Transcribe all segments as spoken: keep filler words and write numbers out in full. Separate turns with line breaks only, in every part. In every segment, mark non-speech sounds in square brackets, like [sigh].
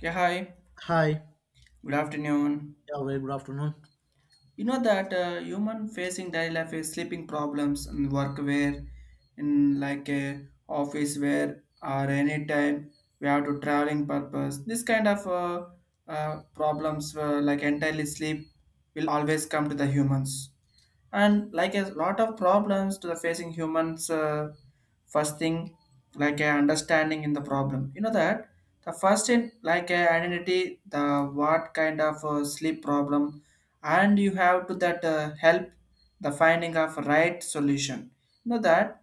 Yeah, hi.
Hi.
Good afternoon.
Yeah, very good afternoon.
You know that uh, human facing daily life is sleeping problems in work where, in like a office where or any time we have to traveling purpose. This kind of uh, uh, problems uh, like entirely sleep will always come to the humans. And like a lot of problems to the facing humans, uh, first thing like a understanding in the problem, you know that the first in like a identity the what kind of uh, sleep problem, and you have to that uh, help the finding of right solution. You know that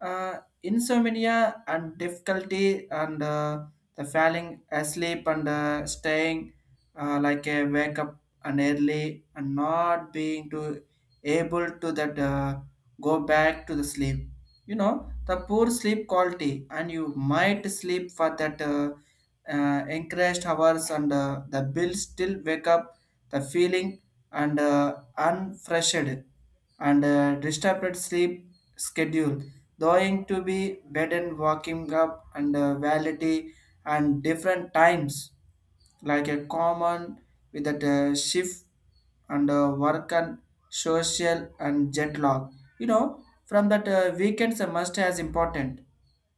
uh, insomnia and difficulty and uh, the falling asleep and uh, staying, uh, like a wake up and early and not being to able to that uh, go back to the sleep. You know the poor sleep quality and you might sleep for that uh, uh, encouraged hours and uh, the bill still wake up, the feeling and uh, unfreshed and uh, disturbed sleep schedule, going to be bed and walking up and uh, validity and different times, like a common with that uh, shift and uh, work and social and jet lag. You know, from that uh, weekends are must as important,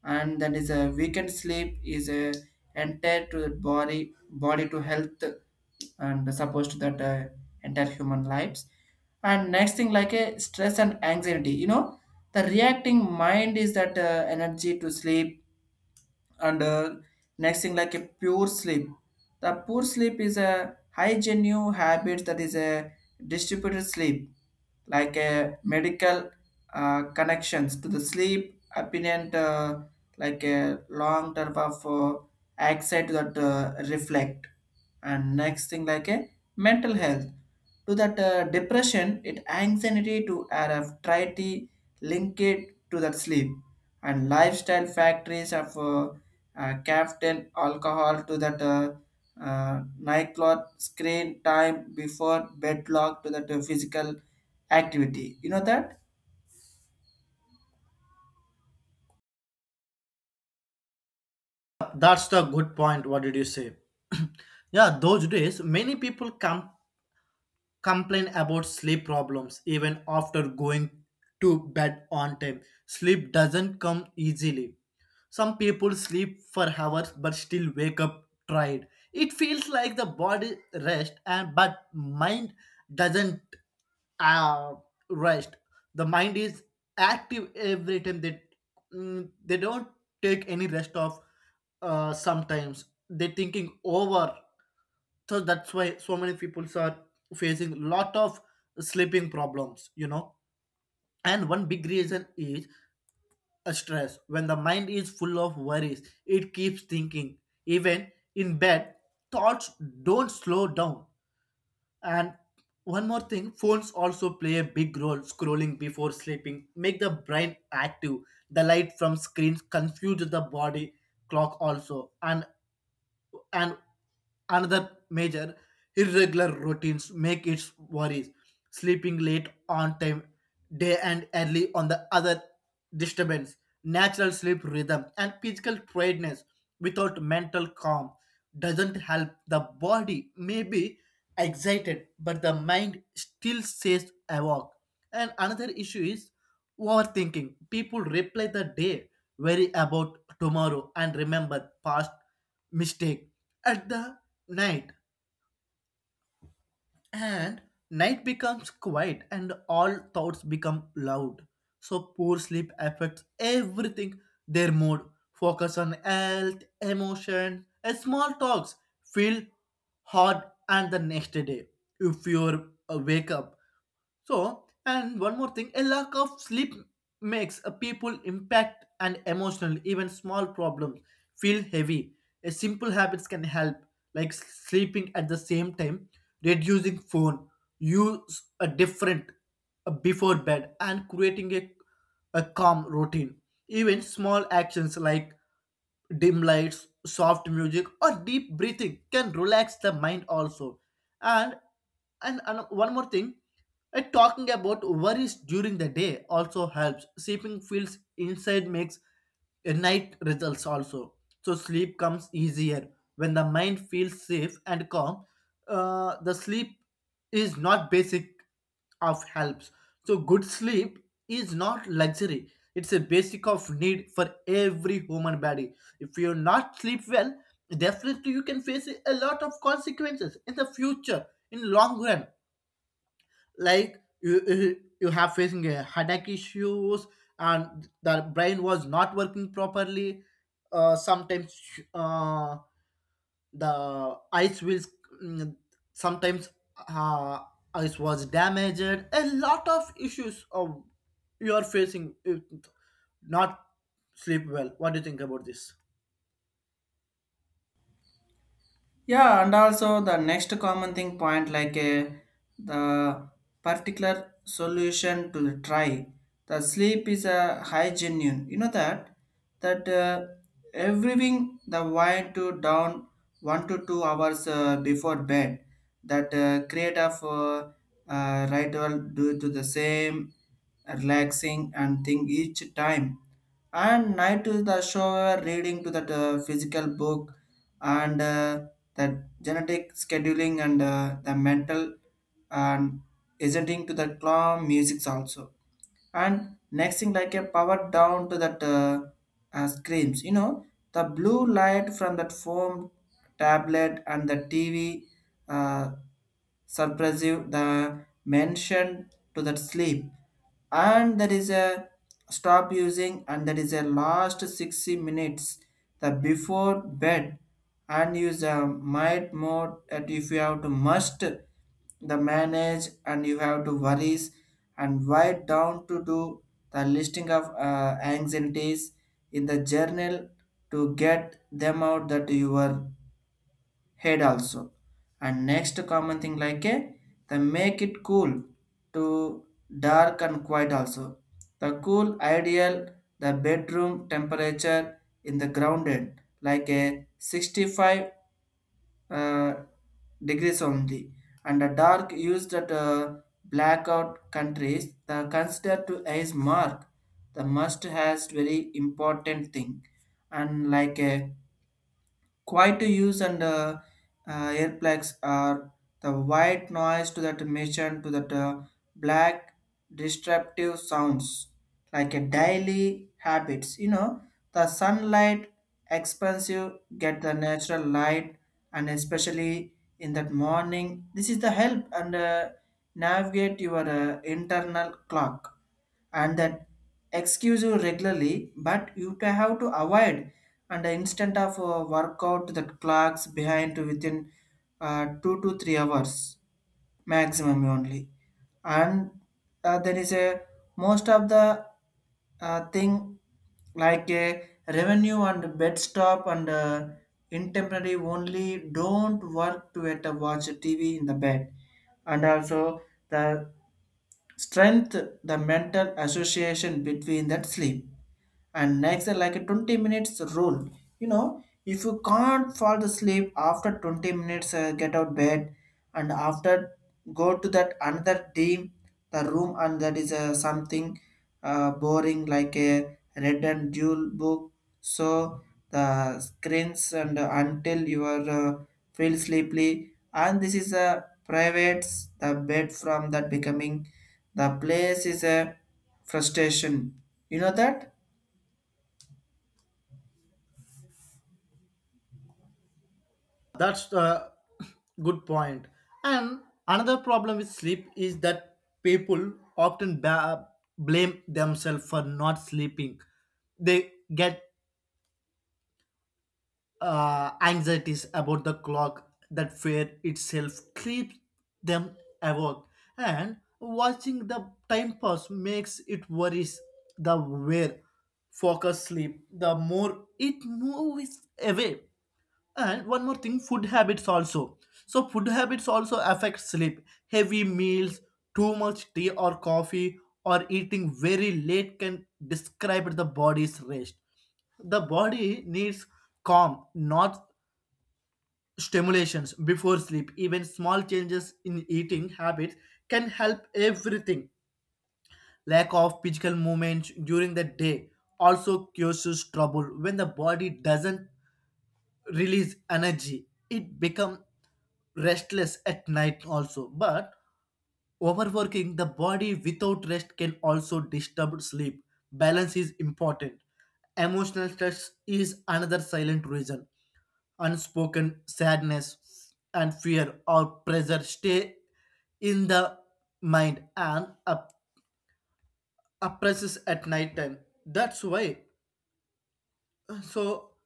and that is a weekend sleep is a entire to the body body to health and supposed to that uh, entire human lives. And next thing like a stress and anxiety. You know, the reacting mind is that uh, energy to sleep and uh, next thing like a pure sleep, the poor sleep is a high genuine habit, that is a distributed sleep like a medical uh, connections to the sleep apparent, uh, like a long term of uh, anxiety that uh, reflect. And next thing like a mental health to that uh, depression it anxiety to R F try link it to that sleep and lifestyle factories of uh, uh, caffeine, alcohol to that uh, uh, nightclub, screen time before bed lock to that uh, physical activity. You know that?
That's the good point. What did you say? [clears throat] Yeah, those days, many people come complain about sleep problems even after going to bed on time. Sleep doesn't come easily. Some people sleep for hours but still wake up tired. It feels like the body rest and but mind doesn't uh, rest. The mind is active every time. They mm, they don't take any rest of. Uh, sometimes they thinking over, so that's why so many people are facing lot of sleeping problems, you know. And one big reason is a stress. When the mind is full of worries, it keeps thinking even in bed. Thoughts don't slow down. And one more thing, phones also play a big role. Scrolling before sleeping make the brain active. The light from screens confuses the body clock also. And and another major irregular routines make its worries. Sleeping late on time, day and early on the other disturbance, natural sleep rhythm, and physical tiredness without mental calm doesn't help. The body may be excited, but the mind still stays awake. And another issue is overthinking. People replay the day, worry about tomorrow, and remember past mistake. At the night, and night becomes quiet, and all thoughts become loud. So poor sleep affects everything. Their mood, focus on health, emotion, and small talks feel hard, and the next day, if you wake up so. And one more thing, a lack of sleep makes a people impact and emotional, even small problems feel heavy. A simple habits can help, like sleeping at the same time, reducing phone, use a different uh, before bed, and creating a, a calm routine. Even small actions like dim lights, soft music, or deep breathing can relax the mind also. And and, and one more thing, uh, talking about worries during the day also helps. Sleeping feels inside makes a night results also. So sleep comes easier when the mind feels safe and calm. Uh, the sleep is not basic of helps. So good sleep is not luxury. It's a basic of need for every human body. If you not sleep well, definitely you can face a lot of consequences in the future, in long run. Like you, you you have facing a headache issues, and the brain was not working properly. Uh, sometimes uh, the ice wheels, mm, sometimes, uh, ice was damaged, a lot of issues of you are facing if not sleep well. What do you think about this?
Yeah, and also the next common thing point, like uh, the particular solution to try the sleep is a high genuine. You know that that uh, everything the wine to down one to two hours uh, before bed, that uh, create of uh, uh, ritual due to the same relaxing and thing each time and night to the show, reading to that uh, physical book and uh, the genetic scheduling and uh, the mental and listening to the calm music also. And next thing like a power down to that uh, uh, screams, you know the blue light from that foam, tablet and the tv, uh, suppressive the mention to that sleep. And there is a stop using and there is a last sixty minutes the before bed and use a might mode that if you have to must the manage and you have to worries and why down to do the listing of uh, anxieties in the journal to get them out that your head also. And next common thing like a the make it cool to dark and quiet also, the cool ideal the bedroom temperature in the grounded like a sixty-five uh, degrees only. And the dark used at uh, blackout countries the considered to as mark, the must has very important thing. And like a quiet to use and uh, uh, earplugs are the white noise to that mission to that uh, black disruptive sounds, like a daily habits. You know the sunlight expensive get the natural light and especially in that morning. This is the help and uh, navigate your uh, internal clock. And that excuse you regularly but you ta- have to avoid and the instant of uh, workout that clocks behind to within uh, two to three hours maximum only. And uh, there is a most of the uh, thing like a revenue and bed stop and uh, intemporary only don't work to at a watch tv in the bed and also the strength the mental association between that sleep. And next are like a twenty minutes rule, you know if you can't fall to sleep after twenty minutes, uh, get out bed and after go to that another team the room and that is uh, something, uh, boring, like a red and jewel book. So the screens and uh, until you are uh, feel sleepy and this is a private the bed from that becoming the place is a frustration, you know that.
That's the good point point. And another problem with sleep is that people often ba- blame themselves for not sleeping. They get uh, anxieties about the clock. That fear itself keeps them awake, and watching the time pass makes it worries. The where focus sleep, the more it moves away. And one more thing, food habits also. So food habits also affect sleep. Heavy meals, too much tea or coffee, or eating very late can describe the body's rest. The body needs calm, not stimulations before sleep. Even small changes in eating habits can help everything. Lack of physical movement during the day also causes trouble when the body doesn't release energy. It becomes restless at night also, but overworking the body without rest can also disturb sleep. Balance is important. Emotional stress is another silent reason. Unspoken sadness and fear or pressure stay in the mind and up- oppresses at night time. That's why, so,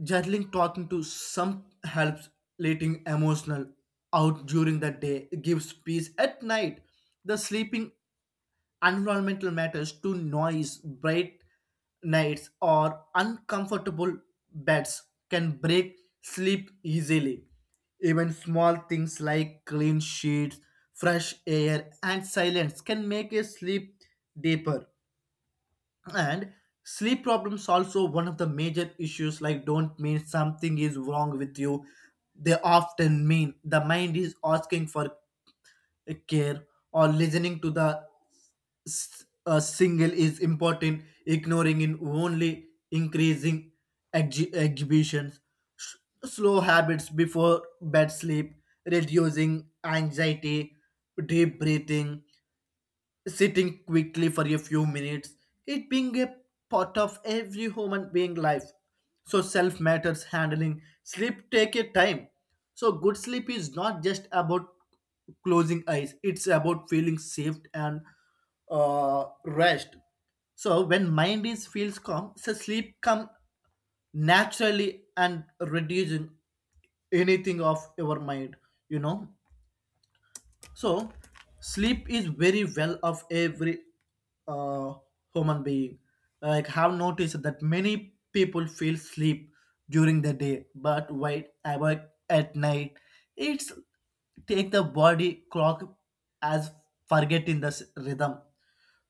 journaling, talking to some helps. Letting emotional out during the day gives peace at night. The sleeping environmental matters to noise, bright nights, or uncomfortable beds can break sleep easily. Even small things like clean sheets, fresh air, and silence can make a sleep deeper. And sleep problems also one of the major issues like don't mean something is wrong with you. They often mean the mind is asking for care or listening to the s- a single is important. Ignoring in only increasing exhi- exhibitions. S- slow habits before bed sleep, reducing anxiety, deep breathing, sitting quickly for a few minutes, it being a part of every human being life. So self matters handling sleep take a time. So good sleep is not just about closing eyes; it's about feeling safe and uh, rest. So when mind is feels calm, so sleep come naturally and reducing anything of your mind. You know, so, sleep is very well of every uh, human being. Like, have noticed that many people feel sleep during the day, but wait awake at night. It's take the body clock as forgetting the s- rhythm.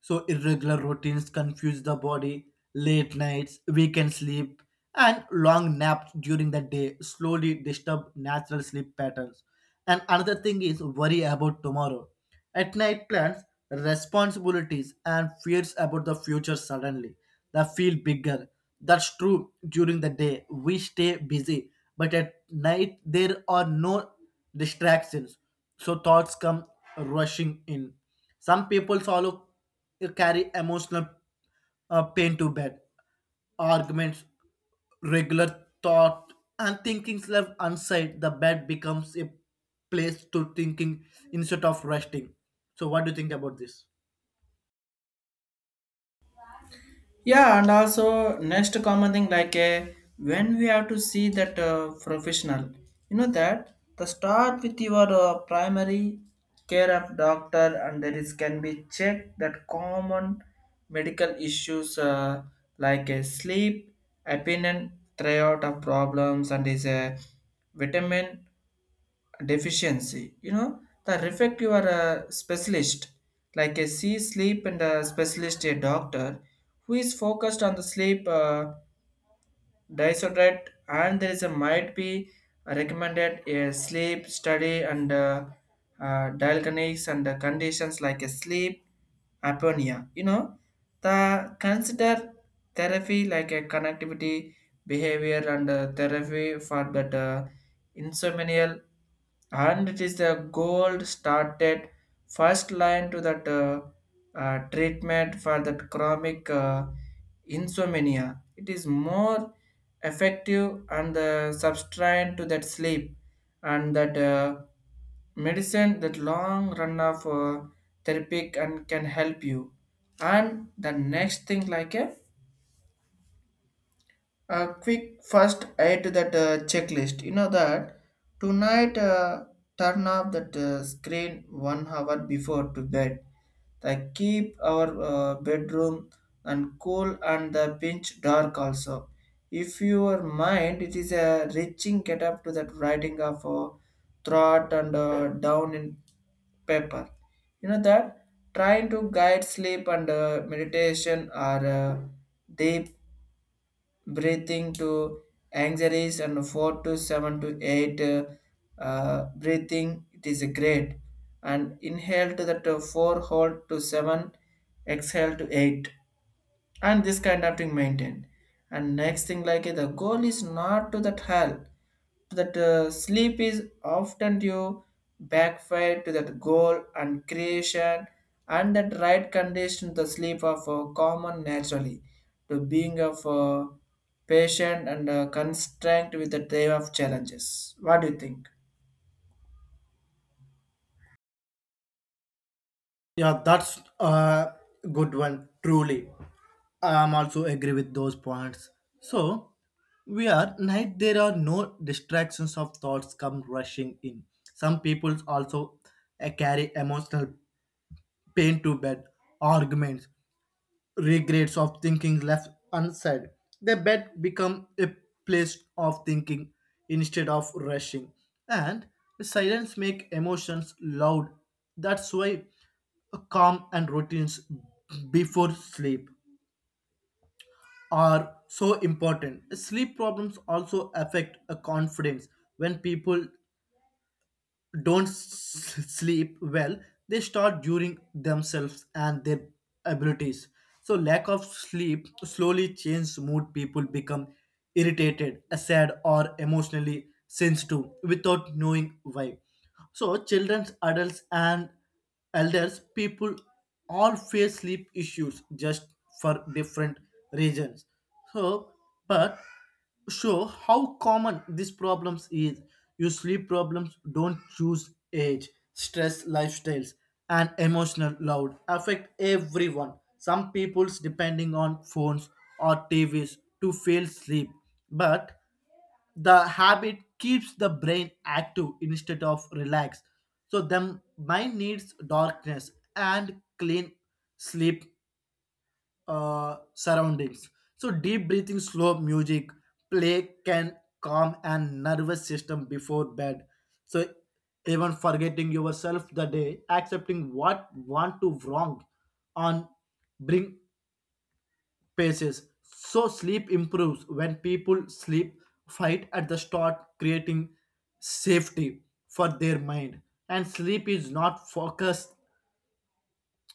So irregular routines confuse the body, late nights, weekend sleep, and long naps during the day slowly disturb natural sleep patterns. And another thing is worry about tomorrow. At night plans, responsibilities, and fears about the future suddenly they feel bigger. That's true during the day. We stay busy, but at night there are no distractions. So thoughts come rushing in. Some people follow you carry emotional uh, pain to bed, arguments, regular thought, and thinkings left unsaid. The bed becomes a place to thinking instead of resting. So, what do you think about this?
Yeah, and also next common thing like uh, when we have to see that uh, professional, you know that the start with your uh, primary care of doctor and there is can be checked that common medical issues, uh, like uh, sleep, opinion, throughout of problems and is a vitamin deficiency. You know the reflect your uh, specialist like a sea sleep and a specialist a doctor who is focused on the sleep uh, disordered and there is a might be recommended a sleep study and uh, uh, diagnosis and uh, conditions like a sleep apnea. You know the consider therapy like a connectivity behavior and uh, therapy for that uh, insomnia and it is the gold started first line to that uh, uh, treatment for that chronic uh, insomnia, it is more effective and uh, substrain to that sleep and that uh, medicine that long run of uh, therapy and can help you. And the next thing like a uh, quick first add to that uh, checklist, you know that tonight uh, turn off that uh, screen one hour before to bed, like keep our uh, bedroom and cool and the pinch dark also. If your mind it is a reaching, get up to that writing of a thought and uh, down in paper, you know that, trying to guide sleep and uh, meditation or uh, deep breathing to anxieties and four to seven to eight uh, uh, breathing it is great and inhale to that uh, four hold to seven exhale to eight, and this kind of thing maintained. And next thing like the goal is not to that hell to that uh, sleep is often you backfire to that goal and creation and that right condition the sleep of uh, common naturally to being of uh, patient and uh, constrained with the day of challenges. What do you think?
Yeah, that's a good one, truly. I'm also agree with those points. So we are night, there are no distractions of thoughts come rushing in. Some people also uh, carry emotional pain to bed, arguments, regrets of thinking left unsaid. The bed become a place of thinking instead of rushing. And silence make emotions loud. That's why calm and routines before sleep are so important. Sleep problems also affect a confidence. When people don't s- sleep well, they start during themselves and their abilities. So lack of sleep slowly changes mood. People become irritated, sad, or emotionally sensitive without knowing why. So children, adults, and elders people all face sleep issues, just for different reasons. So, but show how common these problems is. Your sleep problems don't choose age, stress, lifestyles, and emotional load affect everyone. Some people's depending on phones or T Vs to feel sleep, but the habit keeps the brain active instead of relaxed. So the mind needs darkness and clean sleep uh, surroundings. So deep breathing, slow music, play can calm and nervous system before bed. So even forgetting yourself the day, accepting what want to wrong on bring paces. So sleep improves when people sleep fight at the start, creating safety for their mind. And sleep is not focused,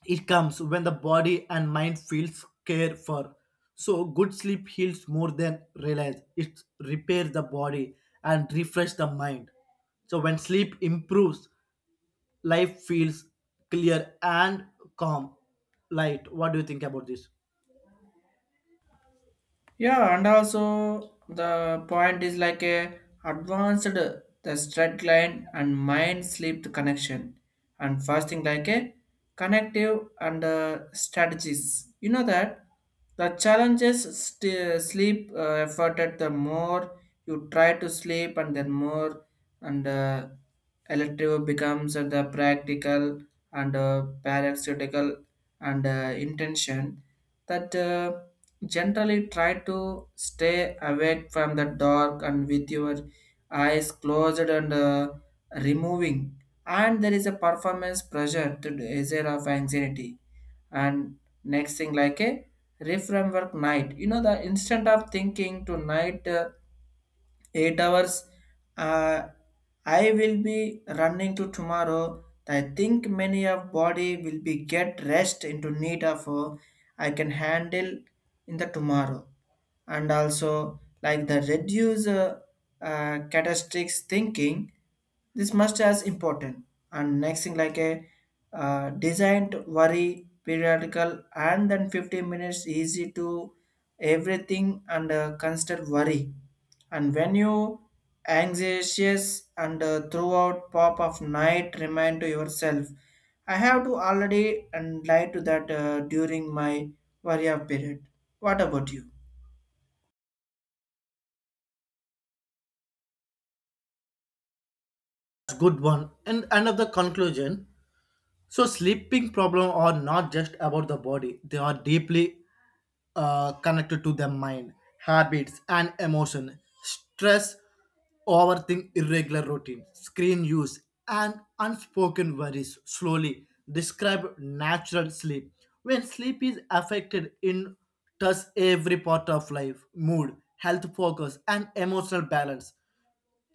it comes when the body and mind feels cared for. So good sleep heals more than realize. It repairs the body and refresh the mind. So when sleep improves, life feels clear and calm. Light. What do you think about this?
Yeah, and also the point is like a advanced the straight line and mind sleep connection and fasting like a connective and uh, strategies. You know that the challenges st- sleep uh, effort at the more you try to sleep and then more and uh, elective becomes the practical and uh, paraceutical and uh, intention that uh, generally, try to stay away from the dark and with your eyes closed and uh, removing. And there is a performance pressure to the measure of anxiety. And next thing, like a reframework night. You know, the instant of thinking to night, uh, eight hours, uh, I will be running to tomorrow, I think many of body will be get rest into need of uh, I can handle in the tomorrow. And also like the reduce uh, uh, catastrophic thinking, this must as important. And next thing like a uh, designed worry periodical and then fifteen minutes easy to everything and uh, constant worry, and when you anxious and uh, throughout pop of night remind to yourself I have to already and lie to that uh, during my warrior period. What about you?
Good one. And end of the conclusion. So sleeping problems are not just about the body; they are deeply uh, connected to the mind, habits, and emotion. Stress, overthink, irregular routine, screen use, and unspoken worries slowly describe natural sleep. When sleep is affected, in touch every part of life, mood, health focus, and emotional balance.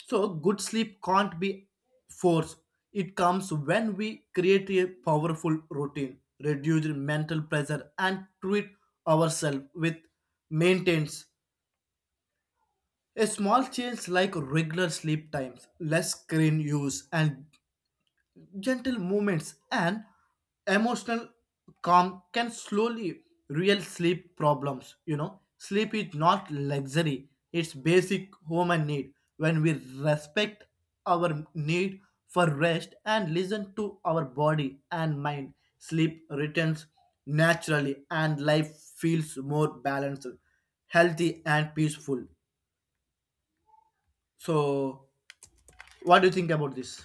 So, good sleep can't be forced. It comes when we create a powerful routine, reduce mental pressure, and treat ourselves with maintenance. A small change like regular sleep times, less screen use, and gentle movements and emotional calm can slowly real sleep problems. You know, sleep is not luxury, it's basic human need. When we respect our need for rest and listen to our body and mind, sleep returns naturally and life feels more balanced, healthy, and peaceful. So what do you think about this?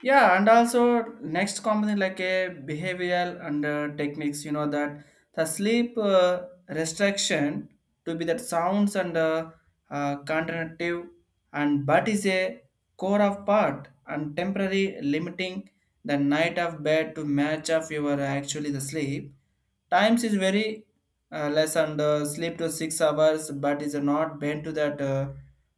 Yeah, and also next component like a behavioral and uh, techniques, you know that the sleep uh, restriction to be that sounds and uh, uh, contentive, and but is a core of part and temporary limiting the night of bed to match of your actually the sleep times is very uh, less and uh, sleep to six hours but is not bent to that uh,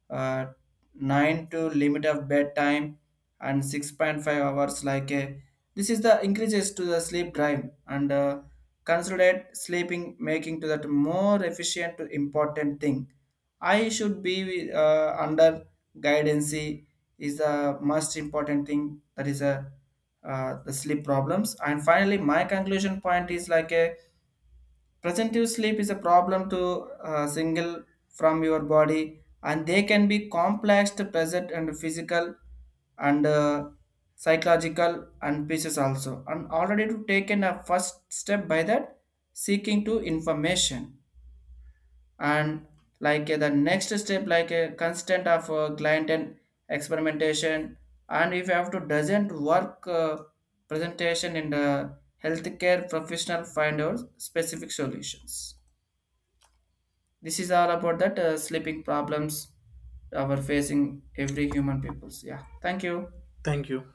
uh, nine to limit of bedtime and six point five hours like a this is the increases to the sleep drive and uh, consolidate sleeping making to that more efficient to important thing, I should be uh, under guidance is the most important thing, that is a uh, the sleep problems. And finally my conclusion point is like a presentive sleep is a problem to uh, single from your body, and they can be complex, to present, and physical, and uh, psychological, and pieces also. And already to taken a first step by that, seeking to information and like uh, the next step like a constant of uh, client and experimentation, and if you have to doesn't work, uh, presentation in the healthcare professional, find out specific solutions. This is all about that uh, sleeping problems uh, we're facing every human peoples. Yeah. Thank you.
Thank you.